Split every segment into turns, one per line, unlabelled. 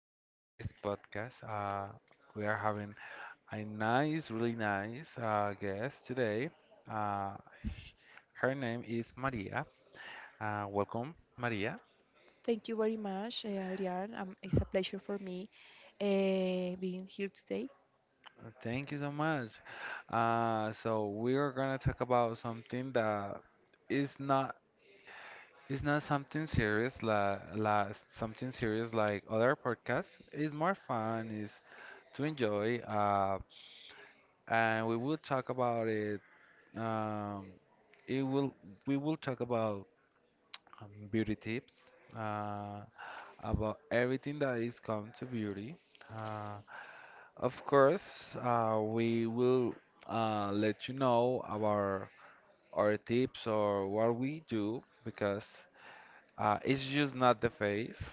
back to this podcast. We are having a nice, really nice guest today. Uh, h- Her name is Maria. Welcome, Maria.
Thank you very much, Adrián. It's a pleasure for me being here today.
Thank you so much. So we are gonna talk about something that is not is not something serious, something serious like other podcasts. It's more fun. Is to enjoy. And we will talk about it Um, it will we will talk about beauty tips, uh, about everything that is come to beauty. Uh, of course, we will let you know about our tips or what we do because it's just not the face,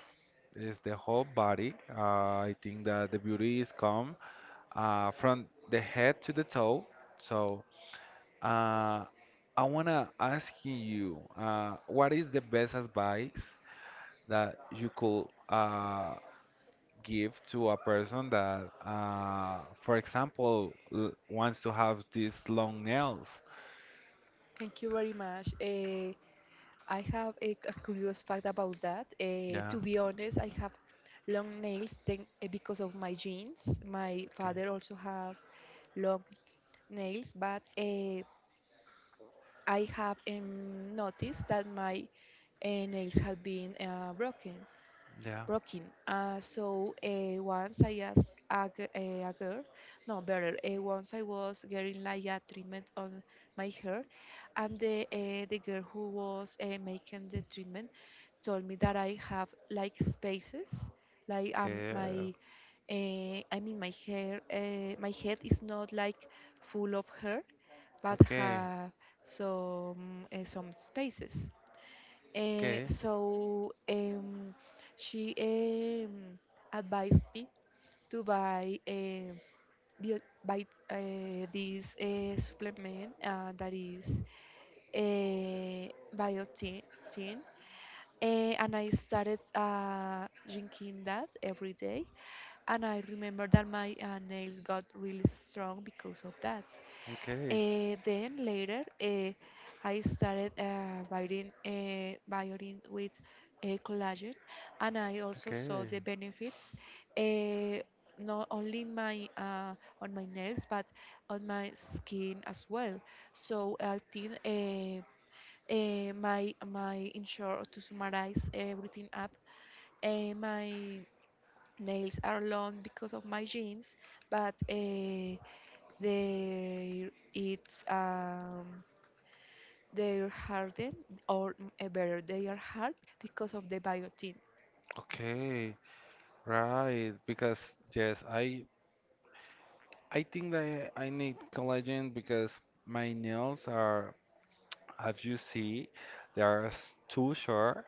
it's the whole body. I think that the beauty is come from the head to the toe. So Uh, I wanna ask you, what is the best advice that you could give to a person that, for example, l wants to have these long nails?
Thank you very much. I have a curious fact about that.
Yeah,
To be honest, I have long nails because of my genes. My
okay.
father also have long nails, but I have noticed that my nails have been broken.
Yeah.
Broken. So once I asked a girl, no, better, once I was getting like a treatment on my hair, and the girl who was making the treatment told me that I have like spaces, like
Okay.
I mean, my hair, my head is not like full of hair, but
Okay.
have some spaces. Uh,
Okay.
so um, she advised me to buy bio, buy this supplement that is biotin, tin, and I started drinking that every day. And I remember that my nails got really strong because of that.
Okay.
Then later, I started writing violin with collagen, and I also saw
Okay.
the benefits uh, not only my on my nails but on my skin as well. So I think my my in short to summarize everything up, my nails are long because of my jeans, but they it's they're hardened or better they are hard because of the biotin.
Okay. Right. Because yes, I think that I need collagen because my nails are. Have you see there's two short,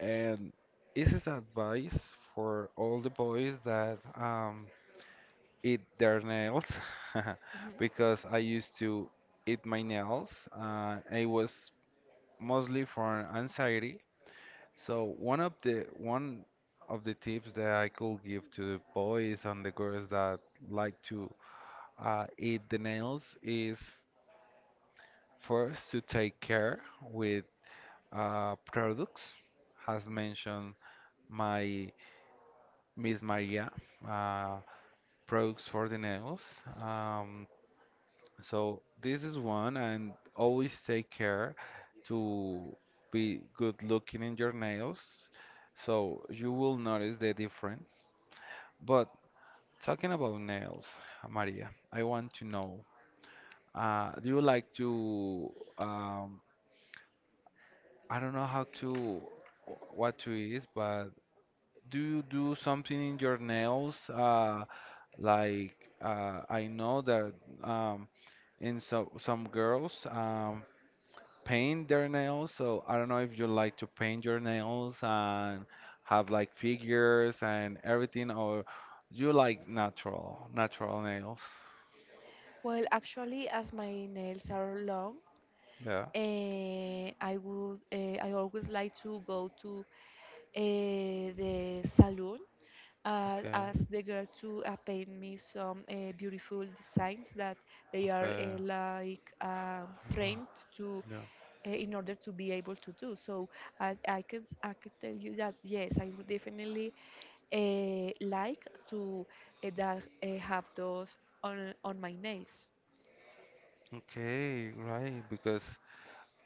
and this is advice for all the boys that eat their nails
Mhm.
because I used to eat my nails, it was mostly for anxiety. So one of the tips that I could give to the boys and the girls that like to eat the nails is first to take care with products has mentioned my Miss Maria, uh, products for the nails. So this is one, and always take care to be good looking in your nails, so you will notice the difference. But talking about nails, Maria, I want to know, do you like to um, I don't know how to what to is, but do you do something in your nails? Like I know that um, in so some girls paint their nails. So I don't know if you like to paint your nails and have like figures and everything, or you like natural nails.
Well, actually, as my nails are long,
Yeah.
I always like to go to the salon
Okay.
as the girl to paint me some beautiful designs that they are
Okay.
trained to
Yeah.
in order to be able to do. So I can tell you that yes, I would definitely like to that have those on my nails.
Okay, right, because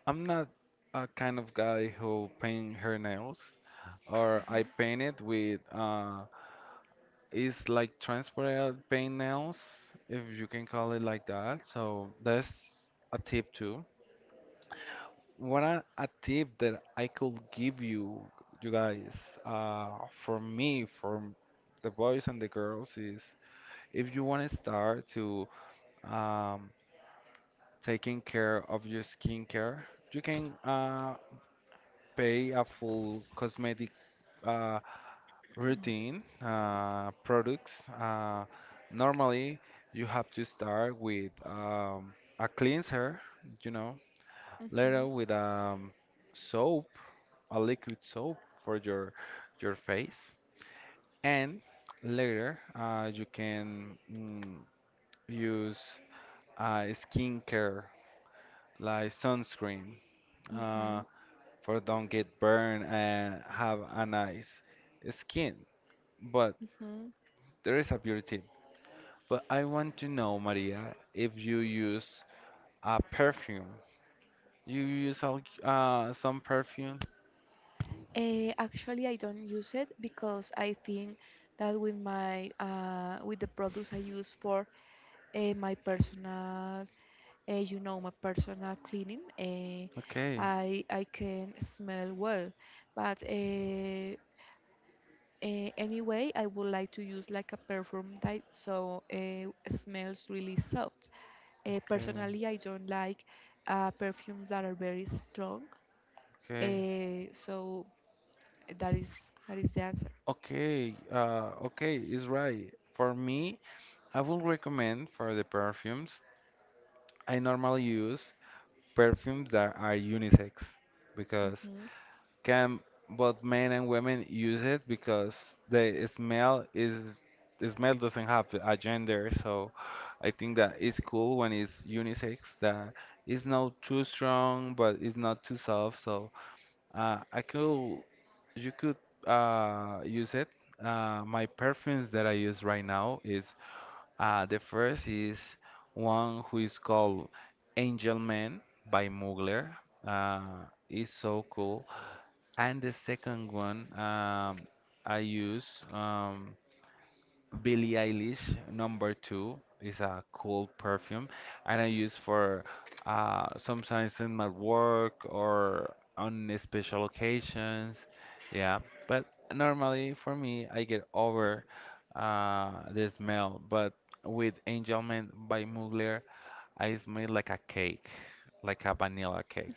I'm not a kind of guy who paint her nails, or
Mhm.
I paint it with it's like transparent paint nails, if you can call it like that. So that's a tip too. What a tip that I could give you, you guys, for me, for the boys and the girls is if you want to start to um, taking care of your skincare, you can pay a full cosmetic uh, routine products. Uh, normally, you have to start with a cleanser, you know, later
Mhm.
with soap, a liquid soap for your face, and later you can use skincare like sunscreen uh,
Mhm.
for don't get burned and have a nice skin. But
Mhm.
there is a beauty. But I want to know, Maria, if you use a perfume. You use some perfume?
Actually, I don't use it because I think that with my with the products I use for my personal, you know, my personal cleaning.
Okay,
I can smell well, but anyway, I would like to use like a perfume that so smells really soft.
okay,
Personally, I don't like perfumes that are very strong.
okay,
So that is that is the answer.
okay, okay, is right. For me, I will recommend for the perfumes. I normally use perfumes that are unisex because
Mhm.
can both men and women use it because the smell doesn't have a gender. So I think that it's cool when it's unisex, that it's not too strong but it's not too soft. So I could you could use it. My perfumes that I use right now is, the first is one who is called Angel Man by Mugler. Uh, it's so cool. And the second one, I use, um, Billie Eilish number two, is a cool perfume, and I use for sometimes in my work or on special occasions. Yeah, but normally for me, I get over the smell. But with Angel Man by Mugler, I smell like a cake, like a vanilla cake.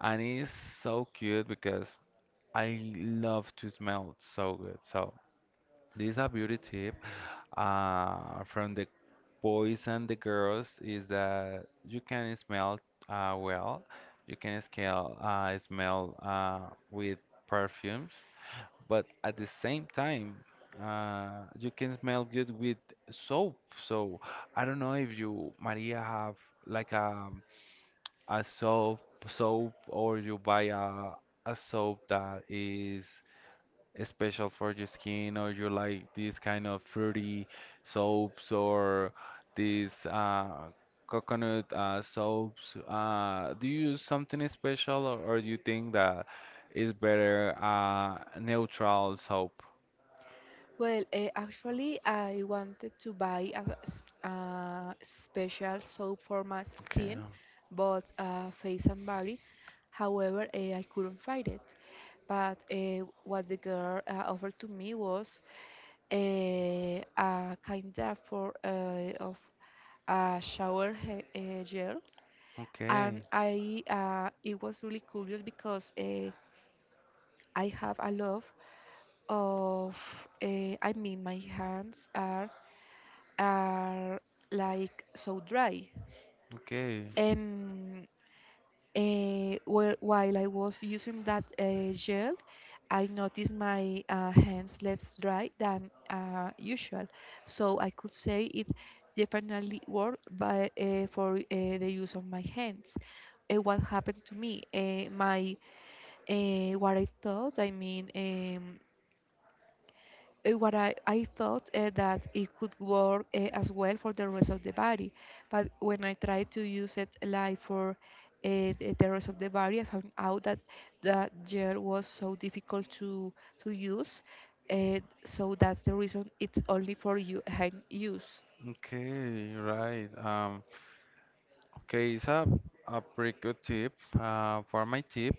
And it's so cute because I love to smell so good. So this is a beauty tip from the boys and the girls is that you can smell well. You can scale, smell with perfumes, but at the same time, you can smell good with soap. So I don't know if you, Maria, have like a soap or you buy a soap that is special for your skin, or you like this kind of fruity soaps or these coconut soaps. Do you use something special or do you think that is better neutral soap?
Well, actually, I wanted to buy a special soap for my
Okay,
skin, both face and body. However, I couldn't find it. But what the girl offered to me was a kind of a shower gel, and
okay,
I it was really curious because I have a love of I mean my hands are like so dry.
okay.
And while I was using that gel, I noticed my hands less dry than usual. So I could say it definitely worked for the use of my hands. What happened to me? My What I thought, I mean, I thought that it could work as well for the rest of the body. But when I tried to use it like for the rest of the body, I found out that that gel was so difficult to use. So that's the reason it's only for you hand use.
Okay, right. Okay, it's a pretty good tip. For my tip,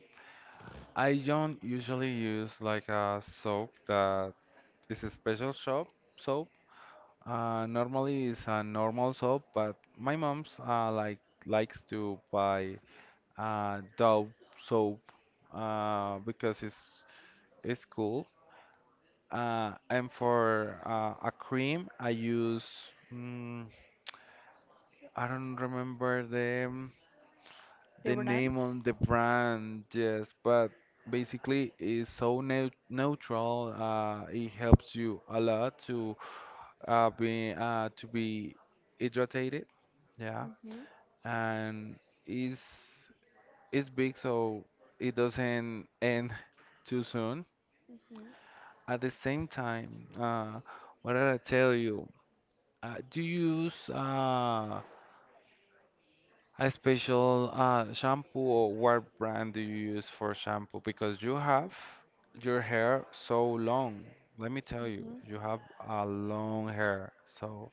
I don't usually use like a soap that it's a special shop soap. Normally it's a normal soap, but my mom's likes to buy Dove soap because it's cool. And for a cream, I use mm, I don't remember
The
the
brand?
name on the brand, yes, but basically it's so neutral. It helps you a lot to being to be hydrated, yeah,
Mm-hmm.
and it's it's big, so it doesn't end too soon.
Mm-hmm.
At the same time, what did I tell you? Do you use a special shampoo, or what brand do you use for shampoo? Because you have your hair so long. Let me tell you, you have a long hair. So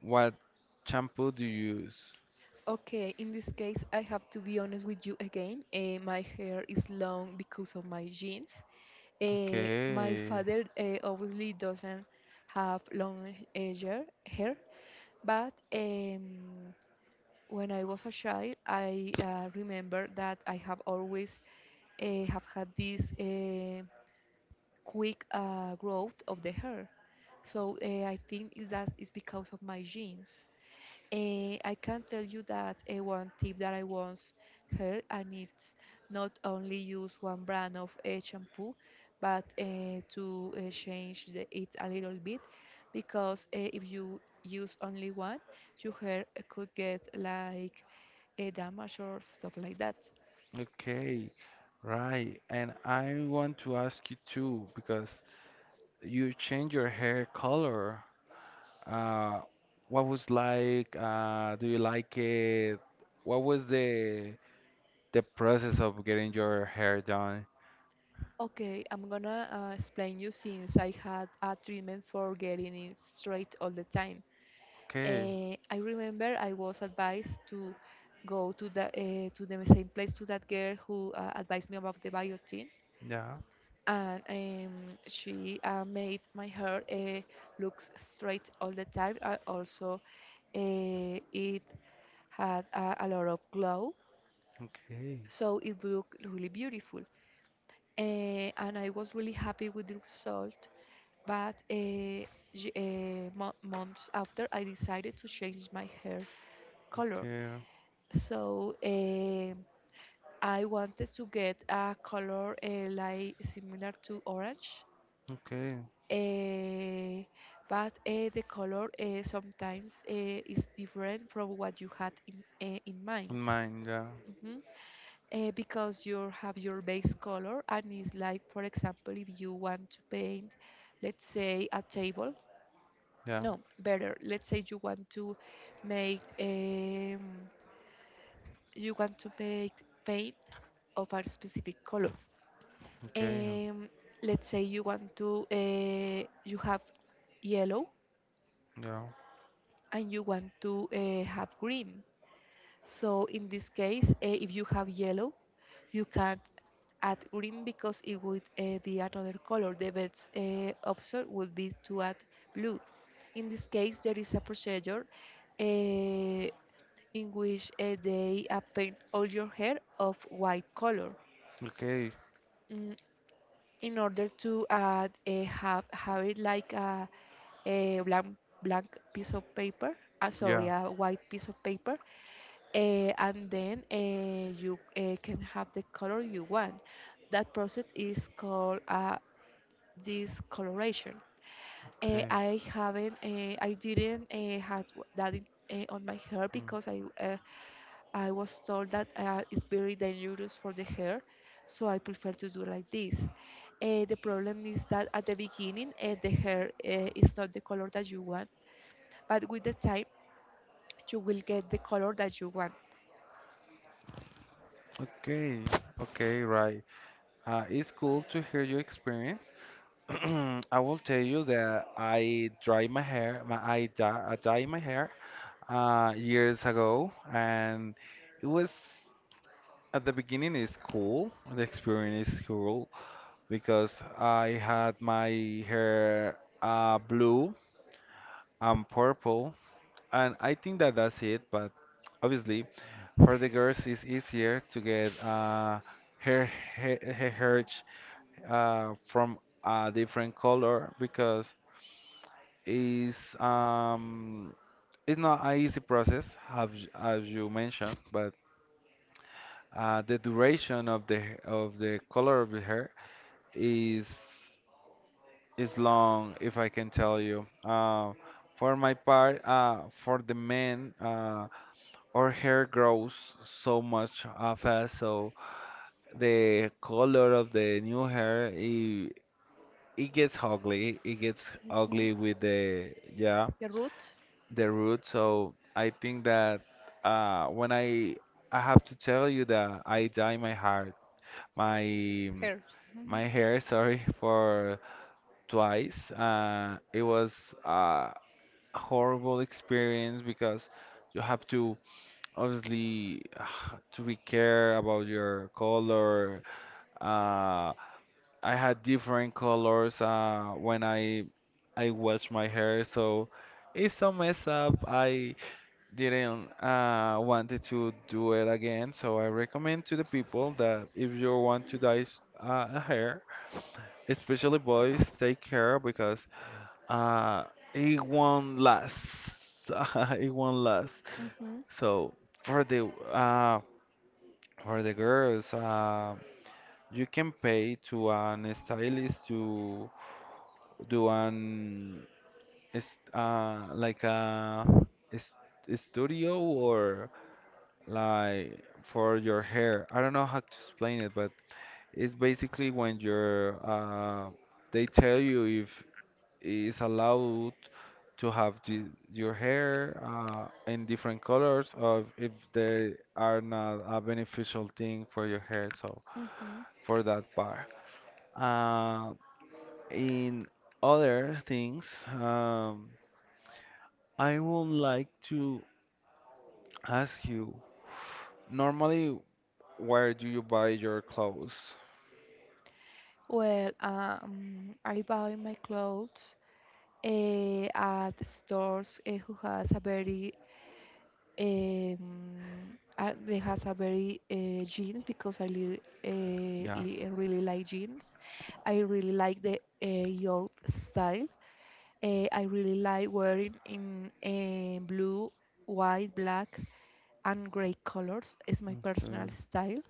what shampoo do you use?
Okay, in this case, I have to be honest with you again. My hair is long because of my genes. My
Okay,
father obviously doesn't have long hair, but when I was a child, I remember that I have always have had this quick growth of the hair. So I think is that is because of my genes. I can tell you that one tip that I once heard, and it's not only use one brand of shampoo, but change the, it a little bit, because if you use only one, your hair could get like a damage or stuff like that.
okay, right. And I want to ask you too, because you change your hair color. Uh, what was like? Do you like it? What was the process of getting your hair done?
Okay, I'm gonna explain you since I had a treatment for getting it straight all the time.
Okay,
I remember I was advised to go to the same place to that girl who advised me about the biotin,
yeah,
and she made my hair look straight all the time. Also, it had a lot of glow,
okay,
so it looked really beautiful. And I was really happy with the result. But months after, I decided to change my hair color.
okay,
So I wanted to get a color like similar to orange,
okay.
eh, but the color sometimes is different from what you had in mind.
Mine, yeah,
Mhm. Because you have your base color, and it's like, for example, if you want to paint, let's say, a table.
yeah,
No, better. Let's say you want to make. You want to make paint of a specific color.
okay,
Um, let's say you want to you have yellow
yeah,
and you want to have green. So in this case, if you have yellow, you can add green because it would be another color. The best option would be to add blue. In this case, there is a procedure uh, in which they paint all your hair of white color.
okay,
mm, in order to add a have it like a, a blank piece of paper sorry
yeah,
a white piece of paper, and then you can have the color you want. That process is called discoloration.
okay,
I didn't had that on my hair
mm,
because I was told that it's very dangerous for the hair, so I prefer to do like this. The problem is that at the beginning, the hair is not the color that you want, but with the time, you will get the color that you want.
okay, okay, right. It's cool to hear your experience. I will tell you that I dry my hair, my I dye my hair years ago, and it was, at the beginning is cool. The experience is cool because I had my hair blue and purple, and I think that that's it. But obviously, for the girls, it's easier to get hair, hair, hair, from a different color because it's um, it's not an easy process, have, as you mentioned, but the duration of the color of the hair is is long, if I can tell you. For my part, for the men, our hair grows so much fast, so the color of the new hair I it gets ugly. It gets
Mhm.
ugly with the, yeah,
The root.
the root. So I think that when I have to tell you that I dye my heart my
Hair. Mhm.
my hair, sorry, for twice. It was a horrible experience because you have to obviously to be care about your color. Uh, I had different colors when I washed my hair, so it's so messed up. I didn't wanted to do it again, so I recommend to the people that if you want to dye a hair, especially boys, take care because uh, it won't last. It won't last.
Hmm.
So for the uh, for the girls, you can pay to an stylist to do an, is a is studio or like for your hair. I don't know how to explain it, but it's basically when you're they tell you if it's allowed to have your hair in different colors, or if they are not a beneficial thing for your hair. So
Hmm.
for that part. Uh in other things, um I would like to ask you, normally, where do you buy your clothes?
Well, I buy my clothes at stores who has a very they has a very jeans because I li uh,
Yeah.
li eh, really like jeans. I really like the old style. I really like wearing in blue, white, black, and gray colors. It's my
Okay.
personal style.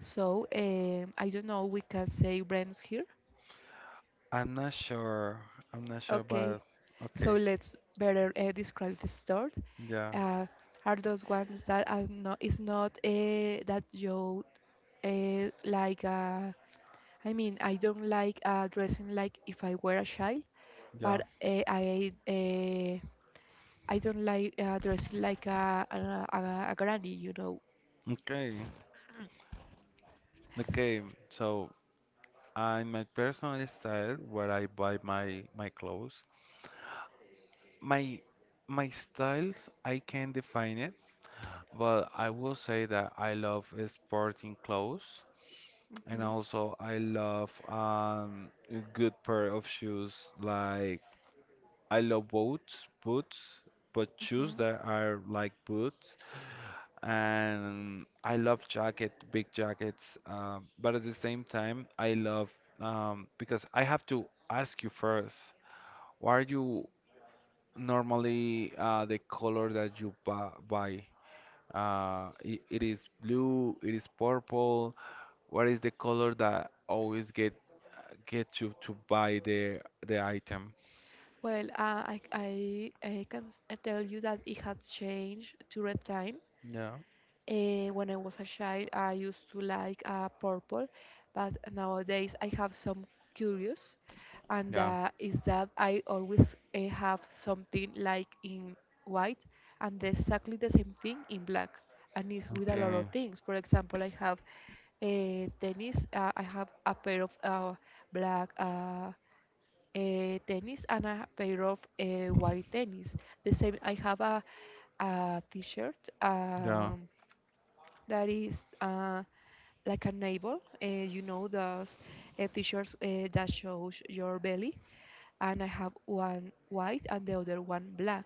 So I don't know. We can say brands here.
I'm not sure. I'm not sure,
Okay,
but
so
okay.
let's better describe the store.
Yeah,
Uh, are those ones that are not? It's not that you like. I mean, I don't like dressing like if I were a child,
yeah.
but I don't like dressing like a, a granny, you know.
Okay. Okay. So, in my personal style, where I buy my clothes, my my styles, I can define it, but I will say that I love sporting clothes. And
Mhm.
also, I love a good pair of shoes. Like I love boots, but shoes
Hmm.
that are like boots. And I love jacket, big jackets. But at the same time, I love because I have to ask you first, what are you normally, the color that you bu buy? I it is blue, it is purple. What is the color that always get you to buy the item?
Well, I can tell you that it has changed through the time.
Yeah,
When I was a child, I used to like purple, but nowadays I have some curious, and
yeah,
is that I always have something like in white and exactly the same thing in black, and it's with a lot
okay,
of things. For example, I have a tennis, I have a pair of black tennis and a pair of white tennis. The same, I have a t-shirt.
yeah,
Um, that is like a navel. You know those t-shirts that shows your belly, and I have one white and the other one black.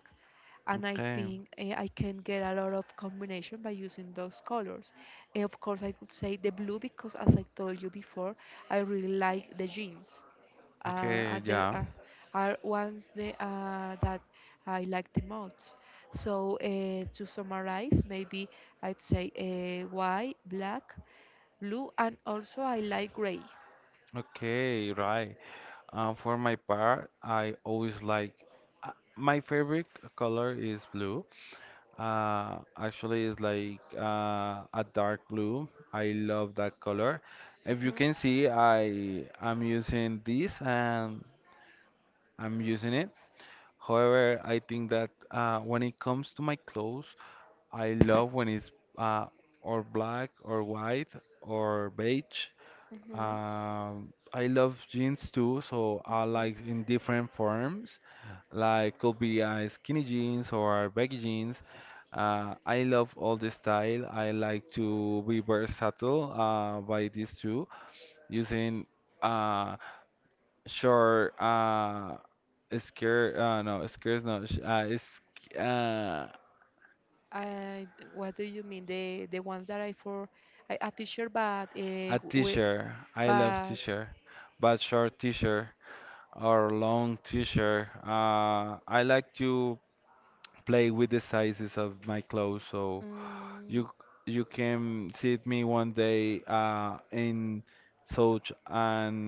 And I
okay,
think I can get a lot of combination by using those colors. Of course, I could say the blue because, as I told you before, I really like the jeans uh, are
okay,
the
yeah,
uh, are ones that I like the most. So to summarize, maybe I'd say white, black, blue, and also I like gray.
okay, right. For my part, I always like uh, my favorite color is blue. Actually, it's like a dark blue. I love that color. If you
Mhm,
can see, I am using this and I'm using it. However, I think that when it comes to my clothes, I love when it's uh, or black or white or beige.
mhm,
I love jeans too, so I
mhm.
like in different forms, like could be skinny jeans or baggy jeans. I love all the style. I like to be versatile by these two, using uh, short skirt, no, skirts, no, is uh,
I, what do you mean? The ones that I for I, a teacher, but
a
we,
t-shirt. I love
but
t-shirt, but short t-shirt or long t-shirt. I like to play with the sizes of my clothes. So
mm,
you you can see me one day in such and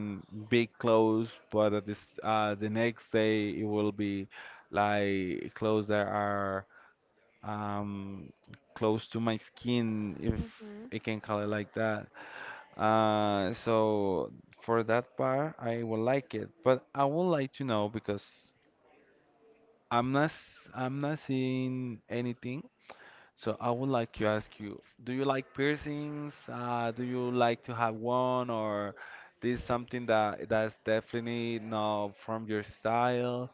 big clothes, but at this the next day it will be like clothes that are um, close to my skin, if
mhm.
I can call it like that. So for that part, I will like it, but I would like to know because I'm not seeing anything. So I would like to ask you, do you like piercings? Do you like to have one, or this is something that that's definitely not from your style?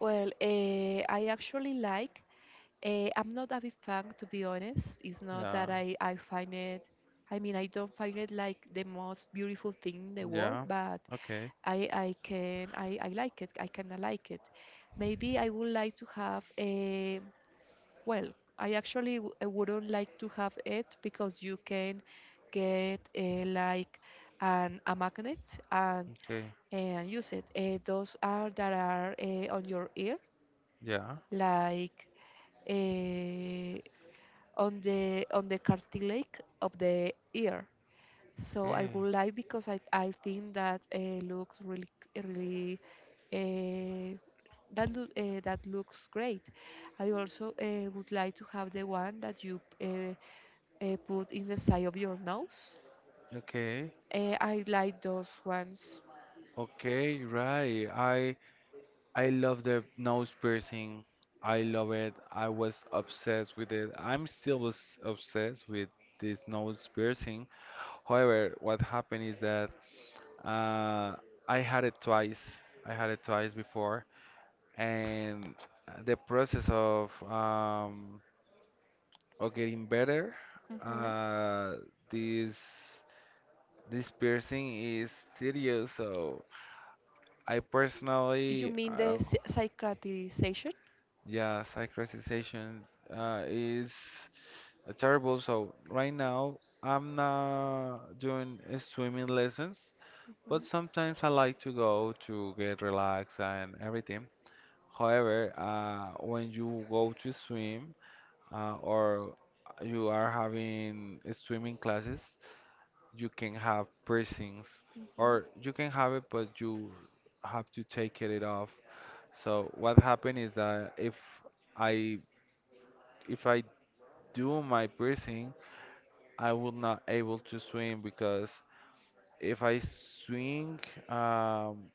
Well, I actually like. I'm not a big fan, to be honest. It's not
Yeah,
that I find it, I mean, I don't find it like the most beautiful thing in the world,
yeah,
but
okay,
I like it. I kind of like it. Maybe I would like to have a, well, I actually I wouldn't like to have it because you can get a magnet and,
okay,
and use it. Those are that are on your ear,
yeah,
like. uh, on the on the cartilage of the ear. So I
okay,
would like because I think that looks really really uh, that looks great. I also would like to have the one that you put in the side of your nose.
okay,
I like those ones.
okay, right. I love the nose piercing. I love it. I was obsessed with it. Obsessed with this nose piercing. However, what happened is that uh, I had it twice. I had it twice before, and the process of getting better,
Hmm.
uh, this this piercing is tedious. So I
You
personally,
mean
I
the
don't.
cicatrization?
Yeah, cyclicization is terrible. So right now I'm not doing swimming lessons. But
Mhm,
sometimes I like to go to get relaxed and everything. However, when you go to swim or you are having swimming classes, you can have piercings,
mhm.
or you can have it, but you have to take it off. So what happened is that I if I do my piercing, I will not able to swim because if I swing, um,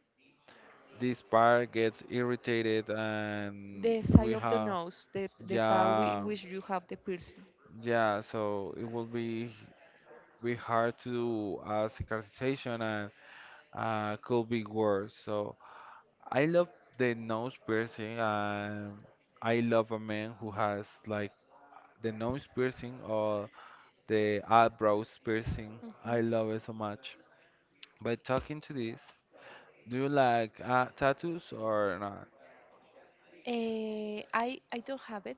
this part gets irritated and
The side
we
of the
have,
nose, the part in
yeah,
which you have the piercing.
yeah, it will be hard to do a cicatrization and could be worse. So I love the nose piercing, and I love a man who has like the nose piercing or the eyebrows piercing.
Mhm.
I love it so much. By talking to this, do you like tattoos or not?
I I don't have it,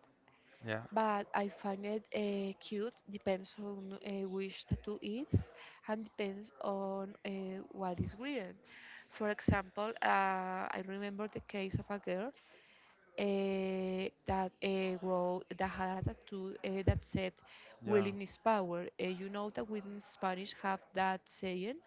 Yeah.
but I find it cute. Depends on which tattoo it is, and depends on what is written. For example, I remember the case of a girl uh, that had a tattoo that said
Yeah.
"Willing is power." You know that we in Spanish have that saying.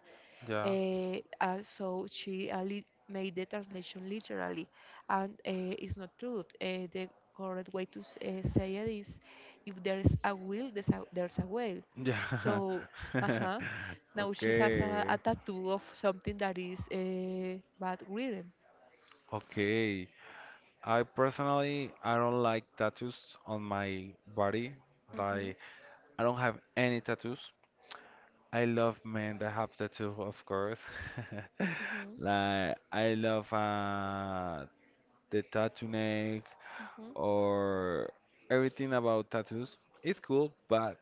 Yeah.
So she made the translation literally, and it's not true. The correct way to say it is, if there's a will, there's there's a way.
Yeah.
So, uh-huh. Now she has
Okay.
a tattoo of something that is bad written.
Okay. I personally, I don't like tattoos on my body.
Mhm.
Like, I don't have any tattoos. I love men that have tattoo, of course.
Mhm.
Like, I love the tattoo neck
Mhm.
or everything about tattoos. It's cool, but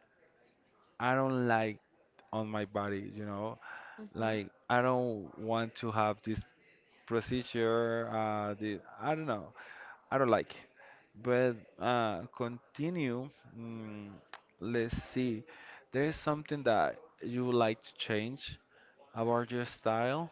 I don't like on my body, you know.
Mhm.
Like, I don't want to have this procedure. The I don't know. I don't like. But continue. Mm, let's see. There is something that you would like to change. About your style?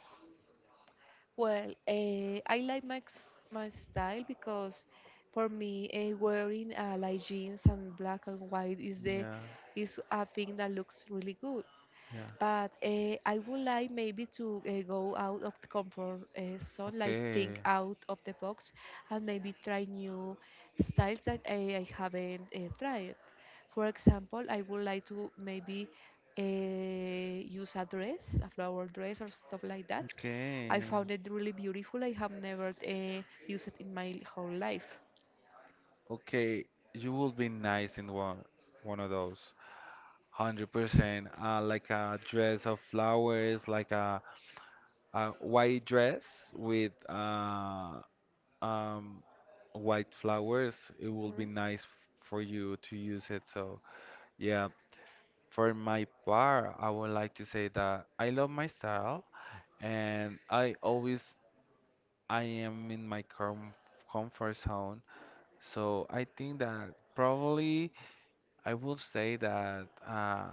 Well, I like my my style because for me, wearing like jeans and black and white is the
Yeah,
is a thing that looks really good.
yeah.
But I would like maybe to go out of the comfort zone, like think
Okay,
out of the box, and maybe try new styles that I haven't tried. For example, I would like to maybe use a dress, a flower dress, or stuff like that. I
okay,
found it really beautiful. I have never used it in my whole life.
okay. You will be nice in one of those. 100%. Like a dress of flowers, like a white dress with um, white flowers. It will be
Mhm,
nice for you to use it. So, yeah, for my part, I would like to say that I love my style, and I am in my comfort zone. So I think that probably I will say that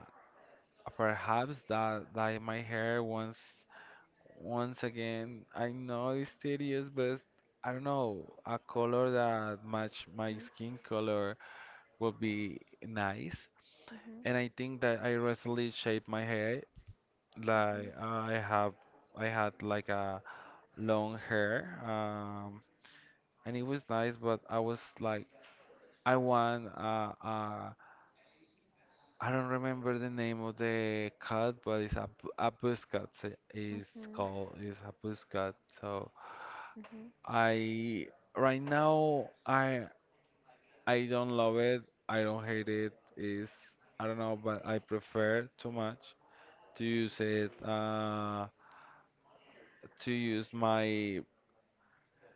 perhaps that my hair, once once again, I know it's tedious, but I don't know, a color that match my
mhm,
skin color would be nice.
mhm,
And I think that I recently shaped my hair. Like, I had like a long hair. And it was nice, but I was like, I want I don't remember the name of the cat, but it's a a pussycat. So it's
mhm,
called, it's a pussycat. So
mhm,
I right now I don't love it. I don't hate it. It's, I don't know, but I prefer too much to use it to use my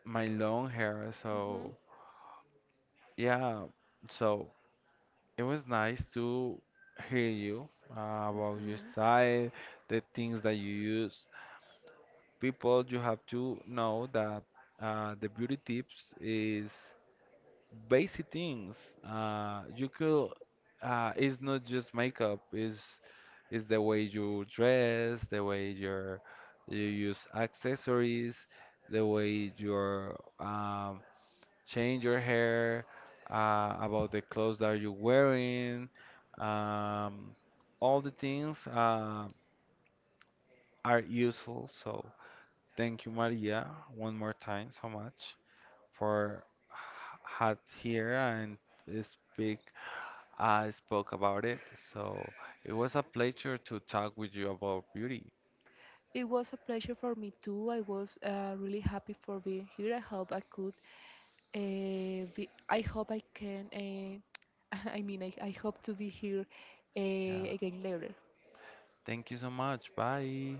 my long hair.
mhm, mhm,
So yeah, so. It was nice to hear you about your
mhm.
style, the things that you use. People, you have to know that the beauty tips is basic things. It's not just makeup, it's the way you dress, the way your you use accessories, the way your change your hair, about the clothes that you're wearing. Um, all the things are useful. So thank you, Maria, one more time so much for had here and speak. I spoke about it. So it was a pleasure to talk with you about beauty.
It was a pleasure for me too. I was really happy for being here. I hope I could. I hope I can. I mean, I hope to be here
Yeah.
again later.
Thank you so much. Bye.